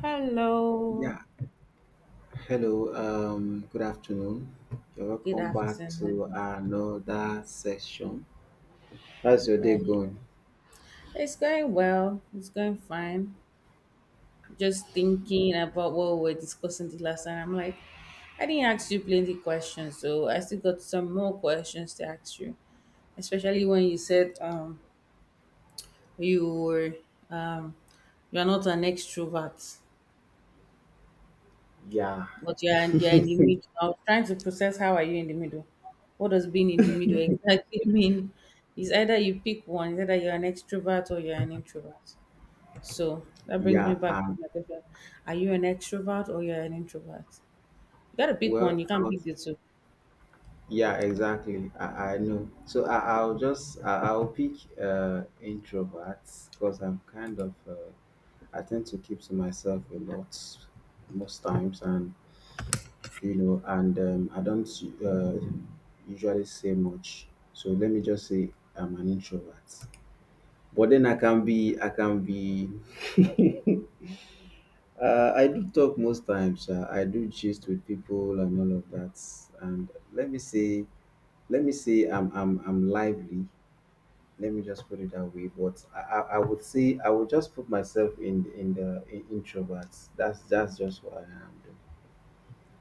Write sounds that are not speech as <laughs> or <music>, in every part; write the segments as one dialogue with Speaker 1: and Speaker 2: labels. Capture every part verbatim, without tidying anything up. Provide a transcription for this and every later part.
Speaker 1: Hello,
Speaker 2: Yeah, hello, um, good afternoon. You're
Speaker 1: good
Speaker 2: welcome back to
Speaker 1: afternoon.
Speaker 2: another session. How's your day
Speaker 1: Right.
Speaker 2: going?
Speaker 1: It's going well, it's going fine. Just thinking about what we were discussing the last time. I'm like, I didn't ask you plenty questions, so I still got some more questions to ask you. Especially when you said um you were um you're not an extrovert.
Speaker 2: Yeah,
Speaker 1: But you're you're in the middle. I was trying to process how are you in the middle. What does being in the middle exactly <laughs> mean? It's either you pick one, it's either you're an extrovert or you're an introvert. So that brings me
Speaker 2: yeah,
Speaker 1: back
Speaker 2: um,
Speaker 1: to my question. Are you an extrovert or you're an introvert? You gotta pick one,
Speaker 2: well,
Speaker 1: you
Speaker 2: I
Speaker 1: can't pick
Speaker 2: was-
Speaker 1: the two.
Speaker 2: yeah, exactly. I, I know. So I, I'll just, I, I'll pick uh, introverts because I'm kind of, uh, I tend to keep to myself a lot most times, and you know, and um, I don't uh, usually say much. So let me just say I'm an introvert. But then I can be I can be <laughs> uh, I do talk most times. Uh, I do gist with people and all of that. And let me say let me say I'm I'm I'm lively. Let me just put it that way. But I, I, I would say I would just put myself in in the in introverts. That's that's just what I am. Doing.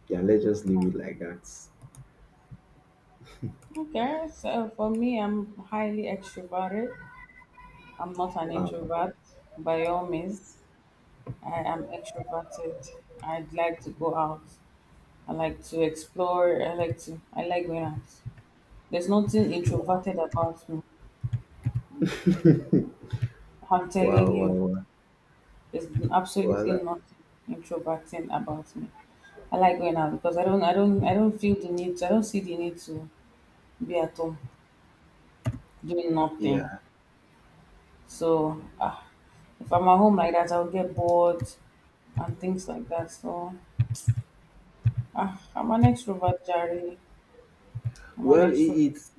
Speaker 2: Yeah, let's just leave it like that.
Speaker 1: Okay, so for me, I'm highly extroverted. I'm not an
Speaker 2: Wow.
Speaker 1: introvert. By all means, I am extroverted. I'd like to go out. I like to explore. I like to. I like going out. There's nothing introverted about me. I'm
Speaker 2: Wow,
Speaker 1: telling
Speaker 2: wow,
Speaker 1: you,
Speaker 2: wow.
Speaker 1: there's
Speaker 2: Wow,
Speaker 1: absolutely
Speaker 2: that,
Speaker 1: nothing introverting about me. I like going out because I don't, I don't, I don't feel the need. To, I don't see the need to be at home doing nothing.
Speaker 2: yeah.
Speaker 1: So, ah, if I'm at home like that, I'll get bored and things like that. So, ah, I'm an extrovert, Jerry. I'm an
Speaker 2: Well, it,
Speaker 1: extrovert,
Speaker 2: it's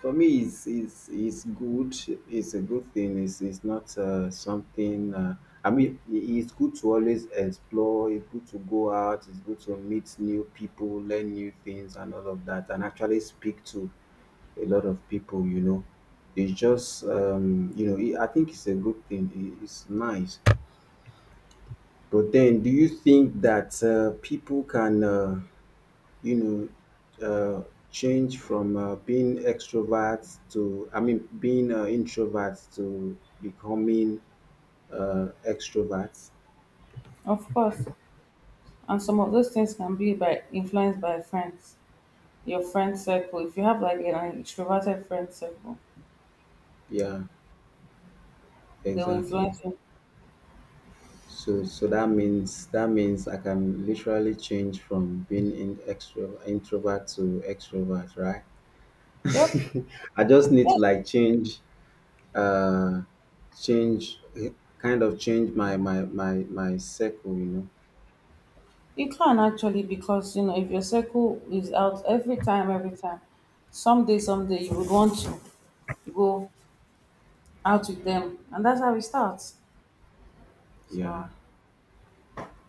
Speaker 2: for me. It's it's it's good. It's a good thing. It's it's not uh, something. Uh, I mean, i- it's good to always explore. It's good to go out. It's good to meet new people, learn new things, and all of that, and actually speak to a lot of people. You know, it's just um, you know. It, I think it's a good thing. It, it's nice. But then, do you think that uh, people can? Uh, you know, uh, Change from uh, being extroverts to, I mean, being uh, introvert to becoming uh, extrovert.
Speaker 1: of course. And some of those things can be by influenced by friends, your friend circle. If you have like an extroverted friend circle,
Speaker 2: Yeah,
Speaker 1: they will
Speaker 2: exactly.
Speaker 1: influence you.
Speaker 2: So, so that means that means I can literally change from being in extro introvert to extrovert, right?
Speaker 1: Yep.
Speaker 2: <laughs> I just need to
Speaker 1: Yes,
Speaker 2: like change, uh, change, kind of change my my my my circle, you know.
Speaker 1: you can actually because you know if your circle is out every time, every time, someday, someday you would want to go out with them, and that's how it starts.
Speaker 2: Yeah.
Speaker 1: So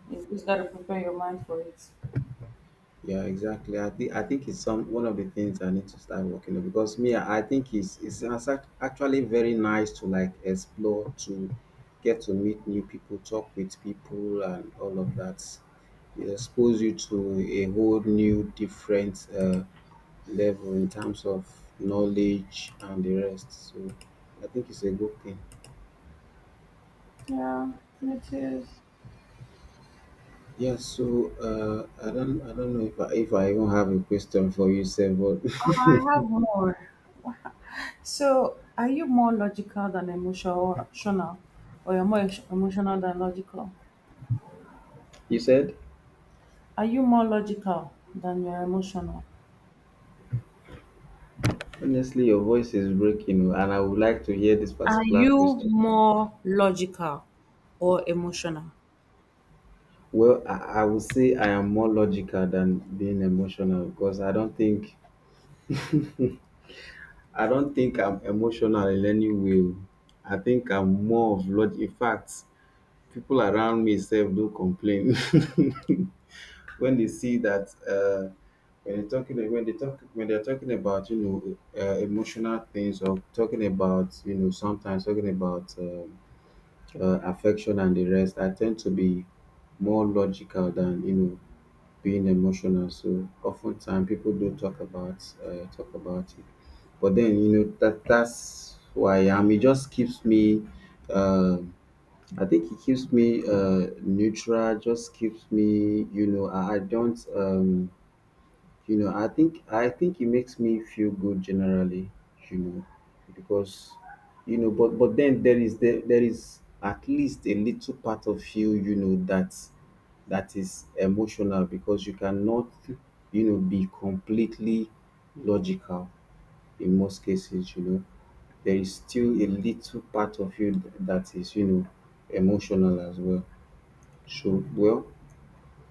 Speaker 1: you just gotta prepare your mind for it.
Speaker 2: Yeah, exactly. I think I think it's some one of the things I need to start working on because me, I I think it's it's as act- actually very nice to like explore, to get to meet new people, talk with people, and all of that. It exposes you to a whole new different uh, level in terms of knowledge and the rest. So I think it's a good thing.
Speaker 1: Yeah, it is.
Speaker 2: Yeah. So uh, I don't I don't know if I, if I even have a question for you, sir, but
Speaker 1: Oh, I have more. So, are you more logical than emotional, or you're more emotional than logical?
Speaker 2: <laughs> you said.
Speaker 1: Are you more logical than you're emotional?
Speaker 2: Honestly, your voice is breaking, oh, and I would like to hear this
Speaker 1: Are
Speaker 2: particular
Speaker 1: you
Speaker 2: question.
Speaker 1: more logical or emotional?
Speaker 2: Well, I, I would say I am more logical than being emotional because I don't think I don't think I'm emotional in any way. I think I'm more of log. In fact, people around me self don't complain <laughs> when they see that uh, when they're talking when they talk when they're talking about you know uh, emotional things or talking about you know sometimes talking about. Uh, uh, affection and the rest, I tend to be more logical than you know being emotional. So oftentimes people do talk about uh, talk about it, but then you know that that's who I am. It just keeps me. um I think it keeps me uh, neutral. Just keeps me, you know. I, I don't. Um, you know, I think I think it makes me feel good generally, you know, because you know, but but then there is there, there is at least a little part of you, you know, that that is emotional because you cannot, you know, be completely logical in most cases, you know. There is still a little part of you th- that is, you know, emotional as well. So, well,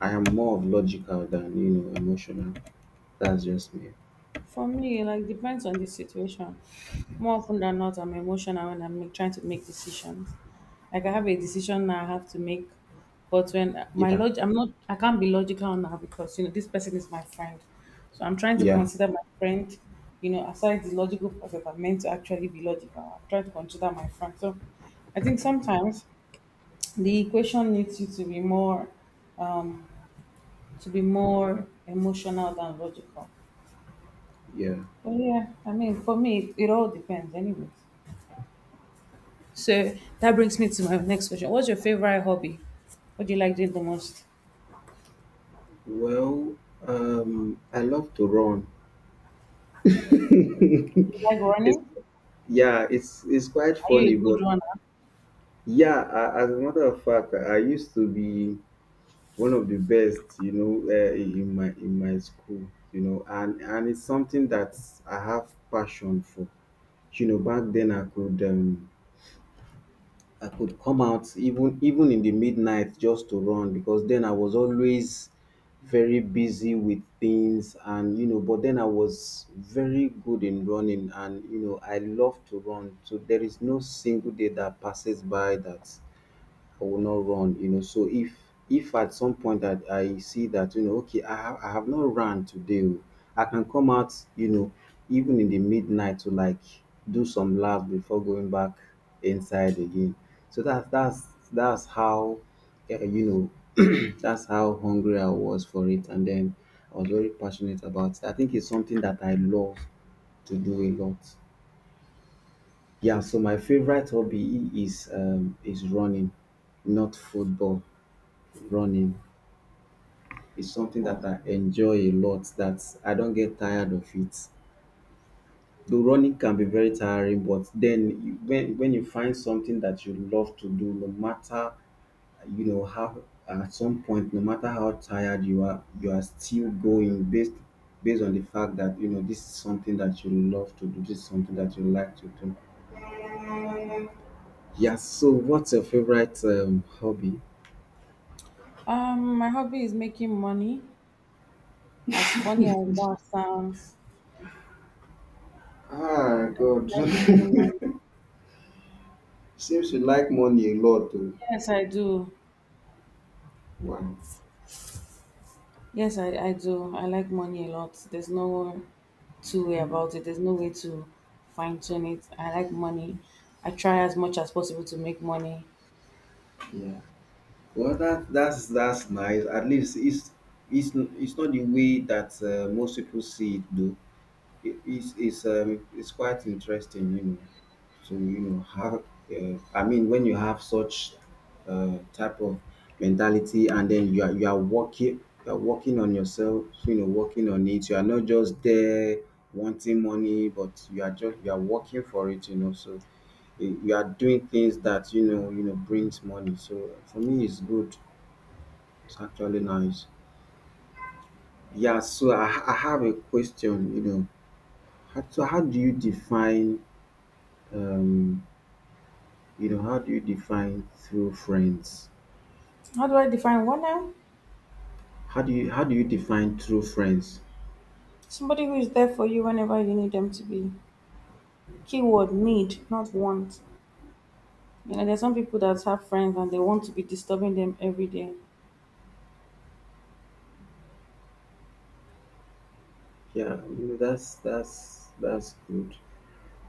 Speaker 2: I am more of logical than, you know, emotional. That's just me.
Speaker 1: For me, like depends on the situation. More often than not, I'm emotional when I'm make, trying to make decisions. Like I have a decision now I have to make, but when my
Speaker 2: Yeah,
Speaker 1: log, I'm not, I can't be logical now because you know this person is my friend, so I'm trying to
Speaker 2: yeah,
Speaker 1: consider my friend. You know, aside the logical part that I'm meant to actually be logical, I'm trying to consider my friend. So, I think sometimes the equation needs you to be more. to be more emotional than logical.
Speaker 2: yeah.
Speaker 1: But yeah, I mean, for me, it, it all depends, anyways. So that brings me to my next question. What's your favorite hobby? What do you like doing the most?
Speaker 2: Well, um, I love to run. <laughs>
Speaker 1: You like
Speaker 2: it's
Speaker 1: running?
Speaker 2: yeah, it's it's quite
Speaker 1: Are you a
Speaker 2: funny, but
Speaker 1: good runner?
Speaker 2: yeah, a- as a matter of fact, I used to be one of the best, you know, uh, in my in my school, you know, and and it's something that I have passion for. You know, back then I could um, I could come out even even in the midnight just to run because then I was always very busy with things and you know but then I was very good in running and you know I love to run so there is no single day that passes by that I will not run, you know. So if if at some point that I see that, you know, okay, I have I have not run today, oh, I can come out, you know, even in the midnight to like do some laps before going back inside again. So that's that's that's how eh, you know <clears throat> that's how hungry I was for it, and then I was very passionate about it. I think it's something that I love to do a lot. Yeah, so my favorite hobby is um is running, not football running is something
Speaker 1: Hmm.
Speaker 2: that I enjoy a lot, that I don't get tired of it. Though running can be very tiring, but then you, when when you find something that you love to do, no matter you know how at some point, no matter how tired you are, you are still going based based on the fact that you know this is something that you love to do, this is something that you like to do. Yeah. So, what's your favorite um, hobby?
Speaker 1: Um, my hobby is making money. As funny as that sounds,
Speaker 2: Ah,
Speaker 1: I
Speaker 2: God.
Speaker 1: like making
Speaker 2: <laughs>
Speaker 1: money.
Speaker 2: Seems you like money a lot, too.
Speaker 1: Yes, I do.
Speaker 2: Wow.
Speaker 1: Yes, I, I do. I like money a lot. There's no two way about it. There's no way to fine tune it. I like money. I try as much as possible to make money.
Speaker 2: Yeah. Well, that that's that's nice. At least it's it's it's not the way that uh, most people see it, though. It, it's it's um it's quite interesting, you know. To you know have uh, I mean when you have such uh, type of mentality, and then you are you are working you are working on yourself, you know, working on it. You are not just there wanting money, but you are just you are working for it, you know. So eh, you are doing things that you know you know brings money. So for me, it's good. It's actually nice. Yeah, so I, ha- I have a question, you know. How, so how do you define um you know how do you define true friends?
Speaker 1: How do I define one now?
Speaker 2: How do you how do you define true friends?
Speaker 1: Somebody who is there for you whenever you need them to be. Keyword need, not want. You know, there's some people that have friends and they want to be disturbing them every day.
Speaker 2: Yeah, you know that's that's that's good.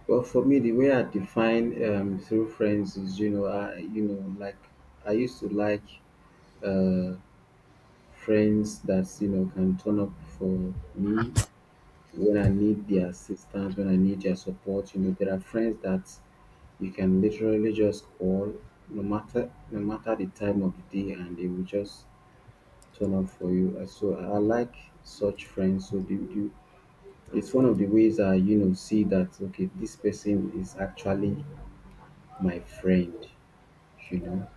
Speaker 2: Well, for me, the way I define um, through friends is, you know, I, you know, like I used to like uh, friends that you know can turn up for me when I need their assistance, when I need their support. You know, there are friends that you can literally just call no matter no matter the time of the day and they will just turn up for you. Uh, So I I like such friends. So do you, it's one of the ways I you know see that okay this person is actually my friend. You know,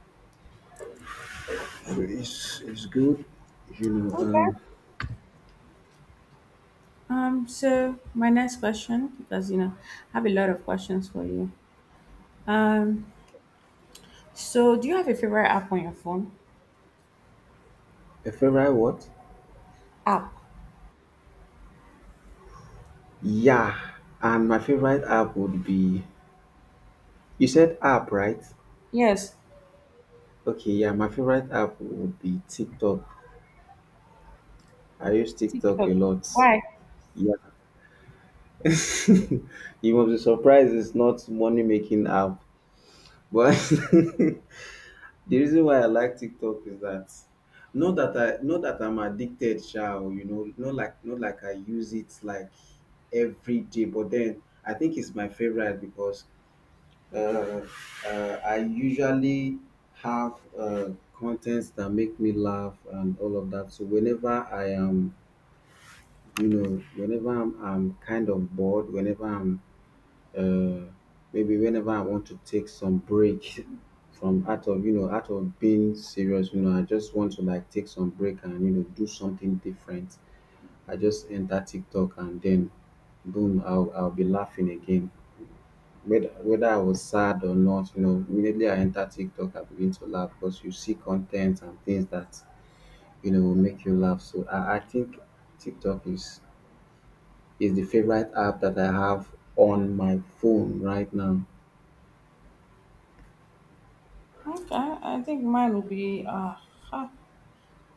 Speaker 2: so it's it's good. You know,
Speaker 1: Okay.
Speaker 2: um,
Speaker 1: Um, so my next question, because you know, I have a lot of questions for you. Um, so do you have a favorite app on your phone?
Speaker 2: a favorite what?
Speaker 1: App.
Speaker 2: Yeah, and my favorite app would be you said app right?
Speaker 1: Yes,
Speaker 2: Okay, yeah, my favorite app would be TikTok. I use TikTok a
Speaker 1: TikTok.
Speaker 2: lot.
Speaker 1: Why?
Speaker 2: Yeah, <laughs> you must be surprised it's not money making app. But <laughs> the reason why I like TikTok is that not that I not that I'm addicted, shall you know, not like not like I use it like every day, but then I think it's my favorite because uh, uh, I usually have uh, contents that make me laugh and all of that. So whenever I am, you know, whenever I'm, I'm kind of bored, whenever I'm uh, maybe whenever I want to take some break <laughs> from out of you know out of being serious, you know, I just want to like take some break and you know do something different. I just enter TikTok and then boom, I'll I'll be laughing again. Whether whether I was sad or not, you know, immediately I enter TikTok, I begin to laugh because you see content and things that you know will make you laugh. So I, I think TikTok is is the favorite app that I have on my phone right now.
Speaker 1: Okay, I think mine will be. Uh, huh,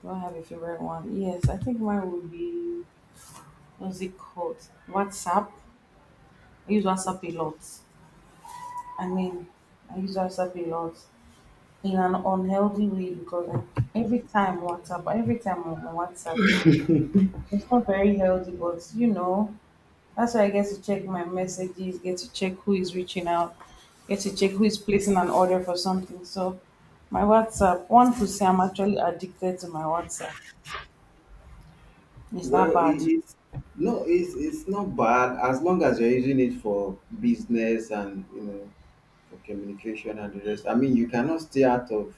Speaker 1: do I have a favorite one? Yes, I think mine will be. What's it called? WhatsApp. I use WhatsApp a lot. I mean, I use WhatsApp a lot in an unhealthy way because like every time WhatsApp, every time I'm on WhatsApp, it's not very healthy. But you know, that's why I get to check my messages, get to check who is reaching out, get to check who is placing an order for something. So my WhatsApp, one could say I'm actually addicted to my WhatsApp. Is
Speaker 2: Well,
Speaker 1: that
Speaker 2: it
Speaker 1: bad?
Speaker 2: is no, it's it's not bad as long as you're using it for business and you know for communication and the rest. I mean, you cannot stay out of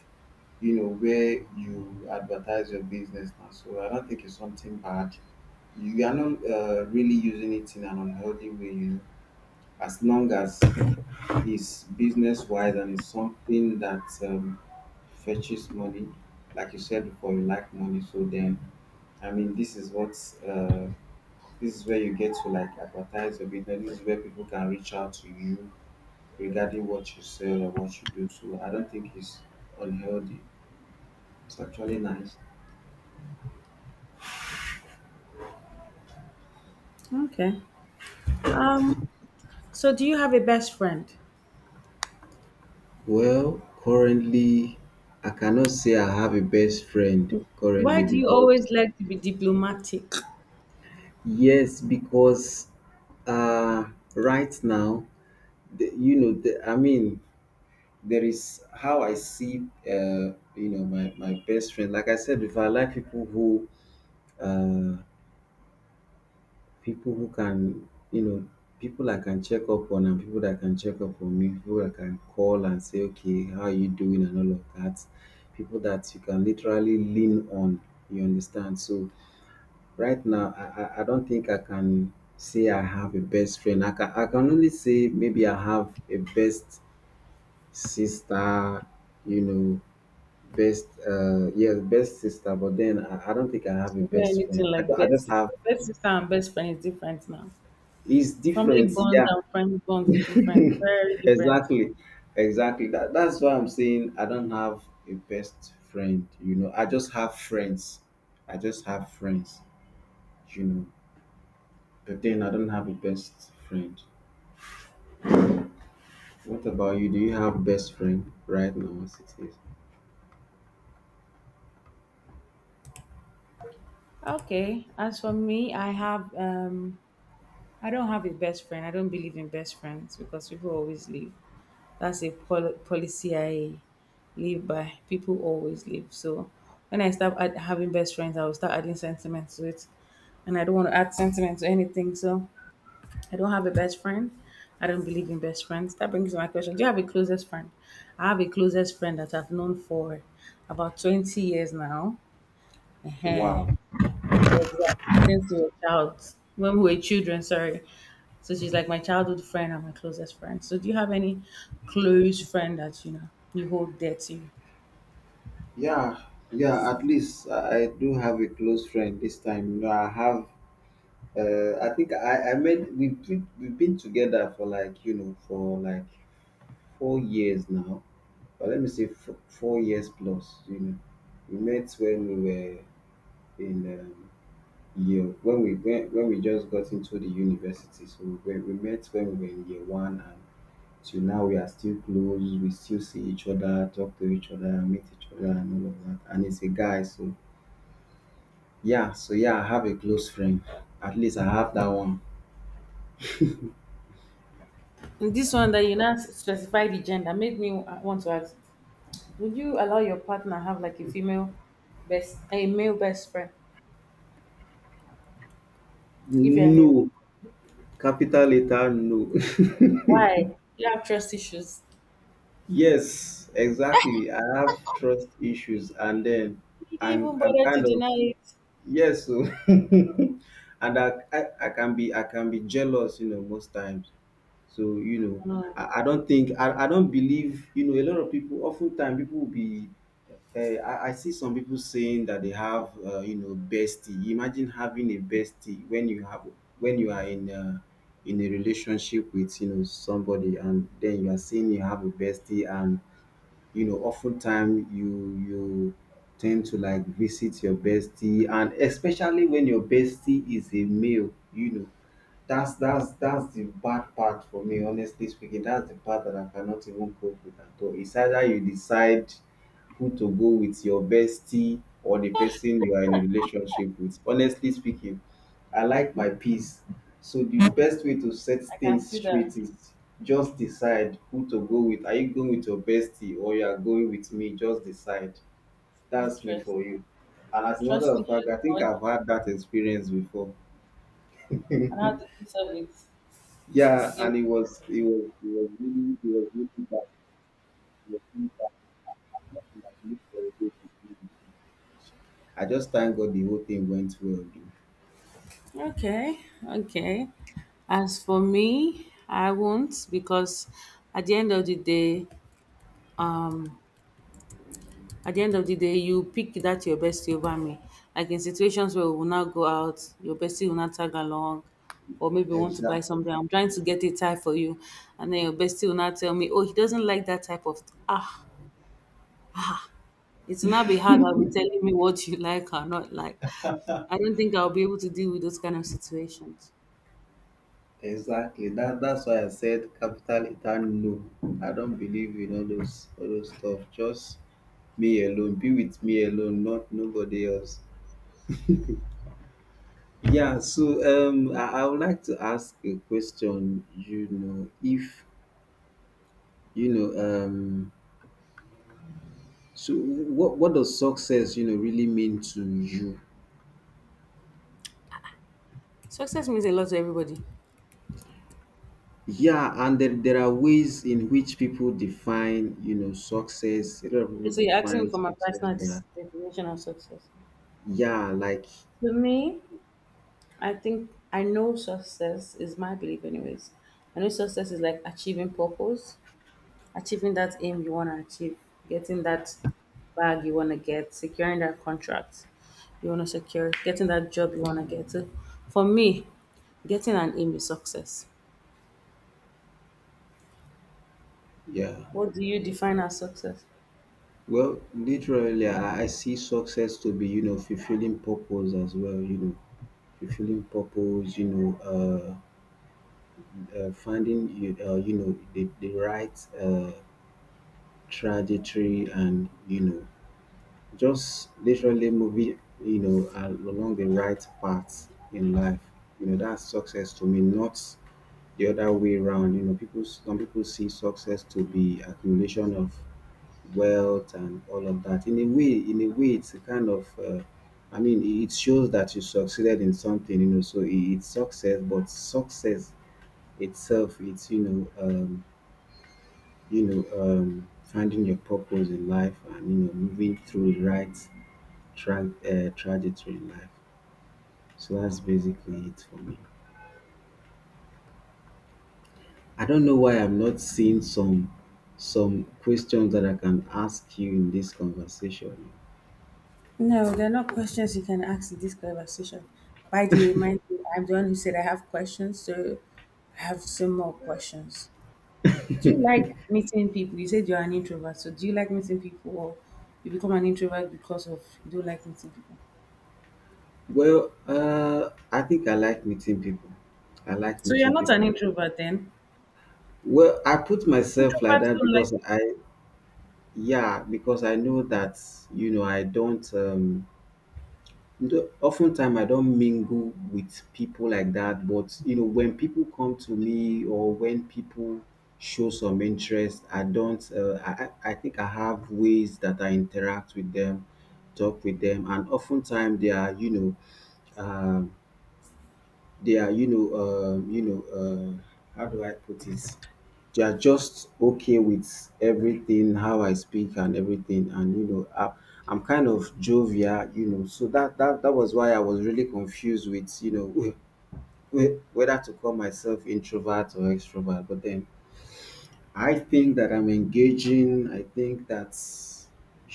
Speaker 2: you know where you advertise your business now. So I don't think it's something bad. You are not uh, really using it in an unhealthy way, you know. As long as it's business wise and it's something that um, fetches money, like you said before, you like money. So then, I mean, this is what. Uh, this is where you get to like advertise your business. This is where people can reach out to you regarding what you sell or what you do. So I don't think it's unhealthy. It's actually nice.
Speaker 1: Okay. Um, so do you have a best friend?
Speaker 2: Well, currently, I cannot say I have a best friend
Speaker 1: Why
Speaker 2: currently
Speaker 1: do you
Speaker 2: because,
Speaker 1: always like to be diplomatic?
Speaker 2: yes, because uh, right now, the, you know, the, I mean, there is how I see, uh, you know, my, my best friend. Like I said before, I like people who uh, people who can, you know, people I can check up on and people that can check up on me, people I can call and say, "Okay, how are you doing?" and all of that. People that you can literally lean on, you understand. So right now, I, I, I don't think I can say I have a best friend. I can, I can only say maybe I have a best sister, you know, best uh yes best sister, but then I, I don't think I have a
Speaker 1: Is there
Speaker 2: best friend.
Speaker 1: anything
Speaker 2: I,
Speaker 1: like
Speaker 2: ju- I
Speaker 1: best
Speaker 2: just have.
Speaker 1: sister? Best sister and best friend is different now.
Speaker 2: It's
Speaker 1: Family
Speaker 2: different,
Speaker 1: bond
Speaker 2: yeah.
Speaker 1: and friend bond is different, very
Speaker 2: <laughs>
Speaker 1: different.
Speaker 2: Exactly, exactly, that that's why I'm saying I don't have a best friend, you know I just have friends. I just have friends, you know but then I don't have a best friend. What about you? Do you have best friend right now as it is?
Speaker 1: Okay. As for me, I have um I don't have a best friend. I don't believe in best friends because people always leave. That's a pol- policy I live by. People always leave. So when I start add- having best friends, I will start adding sentiment to it. And I don't want to add sentiment to anything. So I don't have a best friend. I don't believe in best friends. That brings me to my question. Do you have a closest friend? I have a closest friend that I've known for about twenty years now. Ehen.
Speaker 2: Wow.
Speaker 1: Exactly. Since we were child, When we were children, sorry. So she's like my childhood friend and my closest friend. So do you have any close friend that you know you hold dear to you?
Speaker 2: Yeah, yeah, at least i I do have a close friend this time, you know I have uh, I think I I met we've been, we've been together for like, you know for like four years now. But let me say four, four years plus. You know, we met when we were in um, year when we when, when we just got into the university. So we, we met when we were in year one, and till now we are still close. We still see each other, talk to each other, meet each other, and all of that. And it's a guy. So yeah, so yeah, I have a close friend. At least I have that one.
Speaker 1: And this one that you not specify the gender made me uh, want to ask: Would you allow your partner have like a female best, a male best friend if you're in a relationship?
Speaker 2: No, capital letter no. <laughs>
Speaker 1: Why? You have trust issues.
Speaker 2: Yes, exactly. I have trust issues, and then
Speaker 1: You didn't
Speaker 2: I'm
Speaker 1: even
Speaker 2: I'm
Speaker 1: bother to
Speaker 2: kind of.
Speaker 1: deny it.
Speaker 2: Yes, so <laughs> and I, I I can be I can be jealous, you know, most times. So you know,
Speaker 1: No,
Speaker 2: I, I don't think I, I don't believe you know a lot of people. Oftentimes, people will be. Uh, I, I see some people saying that they have uh, you know bestie. Imagine having a bestie when you have when you are in uh, in a relationship with you know somebody, and then you are saying you have a bestie. And you know oftentimes, you you tend to like visit your bestie, and especially when your bestie is a male you know that's that's that's the bad part for me, honestly speaking. That's the part that I cannot even cope with at all. It's either you decide who to go with, your bestie or the person you are in a relationship with, honestly speaking. I like my peace. So the best way to set
Speaker 1: I can
Speaker 2: things
Speaker 1: see that.
Speaker 2: straight is just decide who to go with. Are you going with your bestie, or you are going with me? Just decide. That's me for
Speaker 1: Interesting.
Speaker 2: you. And as a matter
Speaker 1: Trust
Speaker 2: of
Speaker 1: issues
Speaker 2: fact, I think
Speaker 1: much,
Speaker 2: I've had that experience before.
Speaker 1: and how to do
Speaker 2: Yeah,
Speaker 1: service.
Speaker 2: and it was it was it was really it was really bad. It was really bad. I just thank God the whole thing went well. Though.
Speaker 1: Okay, okay. As for me, I won't because at the end of the day, um, at the end of the day, you pick that your bestie over me. Like in situations where we will not go out, your bestie will not tag along, or maybe want to buy
Speaker 2: Exactly.
Speaker 1: something. I'm trying to get a tie for you, and then your bestie will not tell me, oh, he doesn't like that type of ah. It will not be hard. I'll be telling me what you <laughs> like or not like. I don't think I'll be able to deal with those kind of situations.
Speaker 2: Exactly. That that's why I said capital return no. I don't believe in all those all those stuff. Just me alone. Be with me alone, not nobody else. Yeah, so um I, I would like to ask a question, you know, if you know, um so what what does success, you know, really mean to you?
Speaker 1: Success means a lot to everybody.
Speaker 2: Yeah, and there, there are ways in which people define, you know, success. A lot of
Speaker 1: Okay,
Speaker 2: people
Speaker 1: so you're asking me
Speaker 2: define
Speaker 1: for my
Speaker 2: success,
Speaker 1: personal dis-
Speaker 2: but
Speaker 1: definition of success.
Speaker 2: yeah, like
Speaker 1: To me, I think I know success is my belief, anyways. I know success is like achieving purpose, achieving that aim you want to achieve, getting that bag you want to get, securing that contract you want to secure, getting that job you want to get. So for me, getting an aim is success.
Speaker 2: yeah.
Speaker 1: What do you define as success?
Speaker 2: Well, literally, I I see success to be, you know, fulfilling purpose as well, you know, fulfilling purpose, you know, uh, uh, finding, you- uh, you know, the, the right uh, trajectory, and, you know, just literally moving, you know, al- along the right path in life. You know, that's success to me, not the other way around. You know, people, some people see success to be accumulation of wealth and all of that. In a way, in a way, it's a kind of, uh, I mean, it it shows that you succeeded in something, you know. So it, it's success, but success itself, it's you know, um, you know, um, finding your purpose in life, and you know, moving through the right tra- uh, trajectory in life. So that's basically it for me. I don't know why I'm not seeing some some questions that I can ask you in this conversation.
Speaker 1: No, there are not questions you can ask in this conversation. Why do you mind you, I'm the one who said I have questions, so I have some more questions. Do you
Speaker 2: <laughs>
Speaker 1: like meeting people? You said you're an introvert, so do you like meeting people or you become an introvert because of you don't like meeting people?
Speaker 2: Well, uh, I think I like meeting people. I like
Speaker 1: So you're
Speaker 2: meeting
Speaker 1: not an
Speaker 2: people.
Speaker 1: introvert then?
Speaker 2: Well, I put myself like
Speaker 1: Introverts
Speaker 2: that
Speaker 1: don't like
Speaker 2: because I, yeah, because I know that, you know, I don't, um, do- oftentimes I don't mingle with people like that. But, you know, when people come to me or when people show some interest, I don't, uh, I, I I think I have ways that I interact with them, talk with them. And oftentimes they are, you know, um, they are, you know, um, you know, um, how do I put it? They are just okay with everything, how I speak and everything. And you know, I, I'm kind of jovial, you know. So that that that was why I was really confused with, you know, <laughs> whe- whether to call myself introvert or extrovert. But then I think that I'm engaging. I think that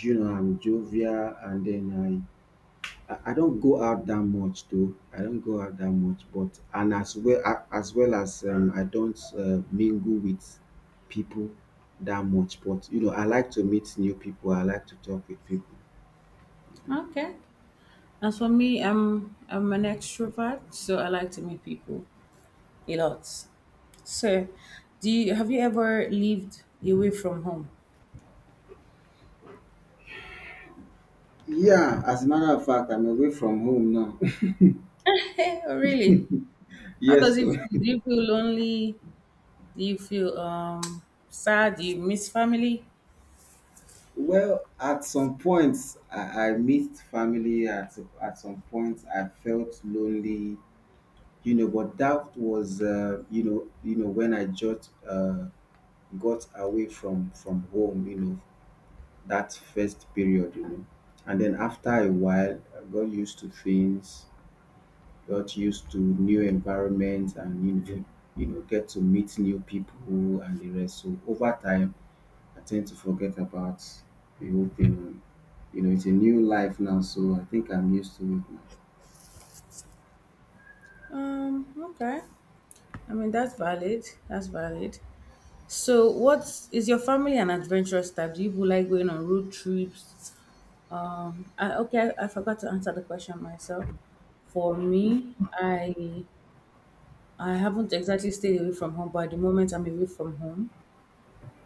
Speaker 2: you know I'm jovial, and then I I I don't go out that much, though. I don't go out that much, but and as well a- as well as um, I don't uh, mingle with people that much. But you know, I like to meet new people. I like to talk with people.
Speaker 1: people. Okay. As for me, I'm I'm an extrovert, so I like to meet people a lot. So, do you have you ever lived away from home?
Speaker 2: Yeah, as a matter of fact, I'm away from home now. <laughs>
Speaker 1: <laughs> Hey, really? How
Speaker 2: Yes,
Speaker 1: does it
Speaker 2: sir.
Speaker 1: feel? Do you feel lonely? Do you feel um sad? Do you miss family?
Speaker 2: Well, at some points, I, I missed family. At at some points, I felt lonely. You know, but that was uh, you know you know when I just uh, got away from from home, you know, that first period, you know. And then after a while, I got used to things, got used to new environments, and you know, you know, get to meet new people and the rest. So over time, I tend to forget about the whole thing. You know, it's a new life now, so I think I'm used to it now.
Speaker 1: Um, okay. I mean that's valid. That's valid. So what is your family an adventurous type? Do you people like going on road trips? Um I, okay, I, I forgot to answer the question myself. For me, I I haven't exactly stayed away from home, but at the moment I'm away from home.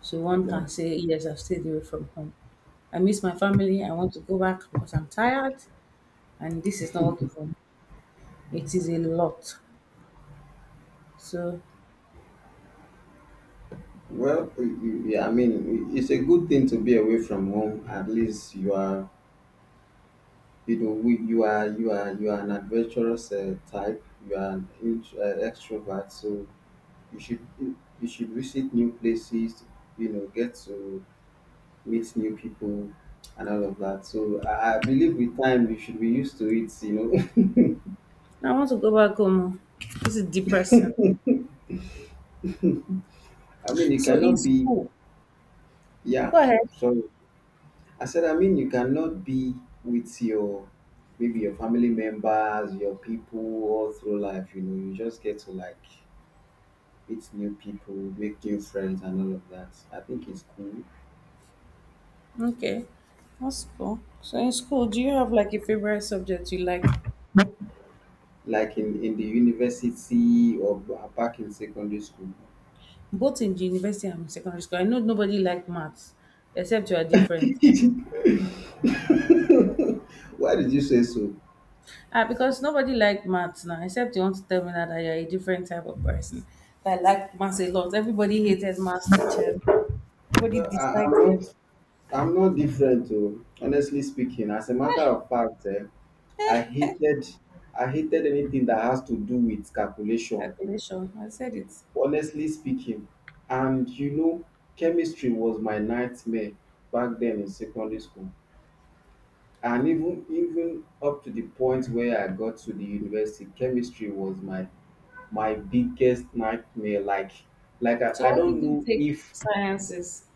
Speaker 1: So one
Speaker 2: Wow.
Speaker 1: can say yes, I've stayed away from home. I miss my family. I want to go back because I'm tired, and this is not working for me. It is a lot. So
Speaker 2: Well, y- y- yeah, I mean, it's a good thing to be away from home. At least you are you know we, you are you are you are an adventurous uh, type. You are an int- uh, extrovert, so you should you you should visit new places. You know, get to meet new people and all of that. So i, I believe with time you should be used to it, you
Speaker 1: I want to go back home. Oh. This is depressing.
Speaker 2: know <laughs> I mean you
Speaker 1: So in
Speaker 2: cannot be.
Speaker 1: school,
Speaker 2: Yeah.
Speaker 1: go ahead.
Speaker 2: Sorry. I said, I mean, you cannot be with your, maybe your family members, your people, all through life, you know you just get to like meet new people, make new friends, and all of that. I think it's cool.
Speaker 1: Okay, that's cool. So in school, do you have like a favorite subject you liked,
Speaker 2: Like in, in the university, or ba- back in secondary school.
Speaker 1: both in university and in secondary school? I know nobody liked maths, except you are different.
Speaker 2: <laughs> Why did you say so?
Speaker 1: Ah, because nobody liked maths now, except you want to tell me that I are a different type of person that liked maths a lot. Everybody hated maths teachers. Everybody
Speaker 2: Well, I, I'm
Speaker 1: disliked them.
Speaker 2: not. I'm not different, though. Honestly speaking, as a matter of fact, eh, I hated. I hated anything that has to do with calculation.
Speaker 1: Calculation. I said it.
Speaker 2: Honestly speaking, and you know, chemistry was my nightmare back then in secondary school. And even even up to the point where I got to the university, chemistry was my my biggest nightmare. Like like
Speaker 1: So
Speaker 2: I, I
Speaker 1: why
Speaker 2: don't
Speaker 1: did you
Speaker 2: know
Speaker 1: take
Speaker 2: if.
Speaker 1: sciences?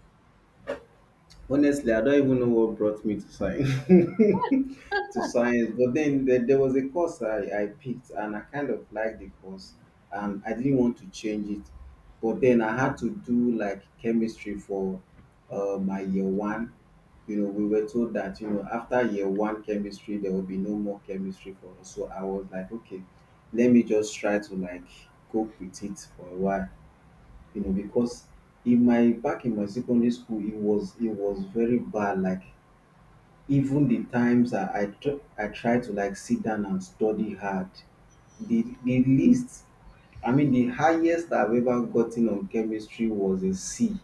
Speaker 2: Honestly, I don't even know what brought me to science. <laughs> To science, but then there, there was a course I, I picked, and I kind of liked the course, and I didn't want to change it. But then I had to do like chemistry for uh, my year one. You know, we were told that you know after year one chemistry there will be no more chemistry for us. So I was like, "Okay, let me just try to like cope with it for a while," you know, because in my back in my secondary school, it was it was very bad. Like even the times I I, tr- I tried to like sit down and study hard, the the least, I mean, the highest I've ever gotten on chemistry was a C.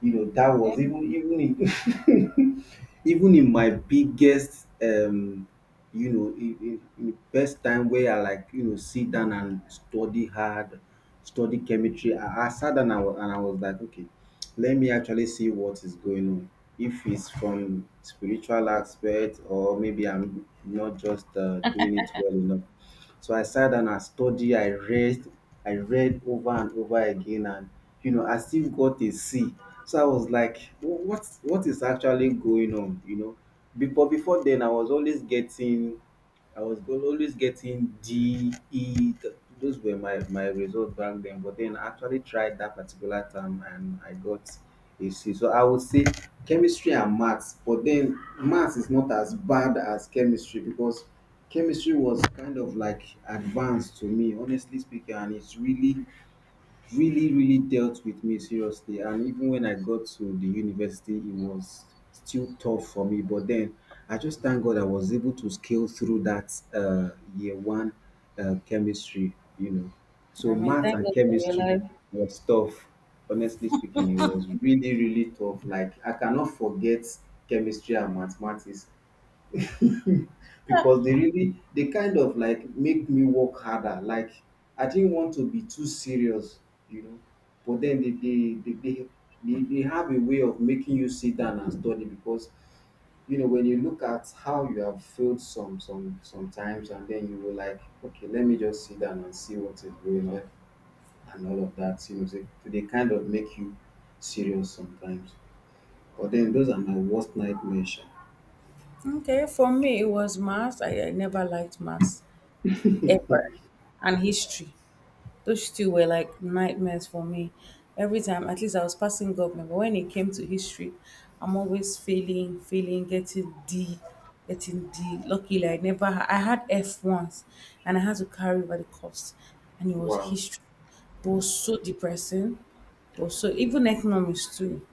Speaker 2: You know, that was even even in <laughs> even in my biggest, um, you know, in, in, in the best time where I like, you know, sit down and study hard, study chemistry, I, I sat down and I, was, and I was like, "Okay, let me actually see what is going on." If it's from spiritual aspect or maybe I'm not just uh, doing it well enough. So I sat down and studied, I read, I read over and over again, and you know, I still got a C. So I was like, "Wh- what what is actually going on?" You know, Be- but before then I was always getting. I was go- always getting D, E. th- Those were my, my results back then. But then I actually tried that particular term and I got a C. So I would say chemistry and maths. But then maths is not as bad as chemistry because chemistry was kind of like advanced to me, honestly speaking. And it's really really really dealt with me seriously. And even when I got to the university it was still tough for me, but then I just thank God I was able to scale through that uh, year one uh, chemistry, you know. So
Speaker 1: I mean,
Speaker 2: math
Speaker 1: thank
Speaker 2: and
Speaker 1: God for your
Speaker 2: chemistry
Speaker 1: life.
Speaker 2: was tough. Honestly speaking, it was really really tough. Like I cannot forget chemistry and mathematics. <laughs> Because they really they kind of like make me work harder. Like I didn't want to be too serious, you know. But then they they they, they they, they have a way of making you sit down and study. Because you know when you look at how you have failed some some sometimes, and then you were like, "Okay, let me just sit down and see what is going on," and all of that, you know. So they kind of make you serious sometimes. But then those are my worst nightmares sha.
Speaker 1: Okay, for me it was maths. I, I never liked maths ever, and history. Those two were like nightmares for me. Every time, at least I was passing government, but when it came to history, I'm always failing, failing, getting D, getting D. Luckily, I never ha- I had F once, and I had to carry over the cost, and it was
Speaker 2: Wow.
Speaker 1: history. It was so depressing. It was so even economics too.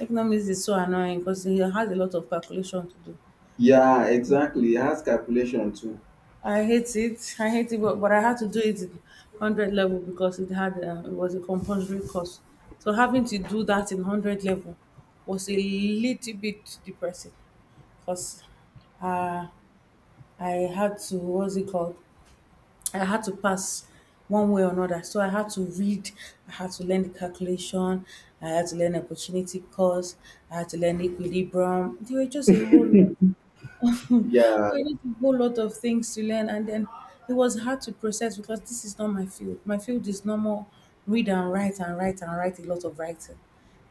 Speaker 1: Economics is so annoying because it has a lot of calculation to do.
Speaker 2: Yeah, exactly. It has calculation too.
Speaker 1: I hate it. I hate it, but, but I had to do it at one hundred level because it had uh, it was a compulsory course. So having to do that in one hundred level was a little bit depressing because uh, I had to what's it called? I had to pass one way or another. So I had to read, I had to learn the calculation, I had to learn opportunity cost, I had to learn equilibrium. There were just a whole lot. <laughs>
Speaker 2: Yeah,
Speaker 1: I need a whole lot of things to learn, and then it was hard to process because this is not my field. My field is normal read and write and write and write a lot of writing.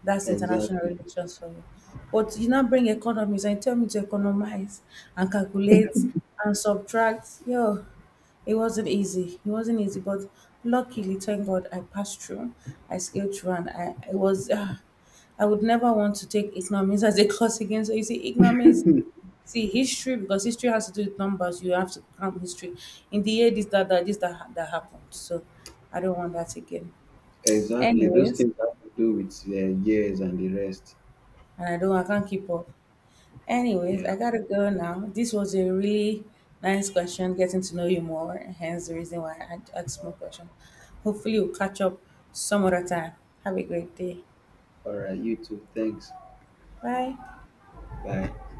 Speaker 1: That's international
Speaker 2: exactly.
Speaker 1: relations for you. But you now bring economics and tell me to economize and calculate and subtract. Yo, it wasn't easy. It wasn't easy, but luckily, thank God, I passed through. I scaled through, and I it was. Uh, I would never want to take economics as a <laughs> course again. So you see, economics See history because history has to do with numbers. You have to cram history. In the year this that that this that ha- that happened. So I don't want that again.
Speaker 2: Exactly. Those
Speaker 1: Anyways,
Speaker 2: things have to do with uh, years and the rest.
Speaker 1: and I don't I can't keep up. Anyways,
Speaker 2: Yeah.
Speaker 1: I gotta go now. This was a really nice question, getting to know you more. Hence the reason why I had ask more question. Hopefully, we'll catch up some other time. Have a great day.
Speaker 2: All right. You too. Thanks.
Speaker 1: Bye.
Speaker 2: Bye.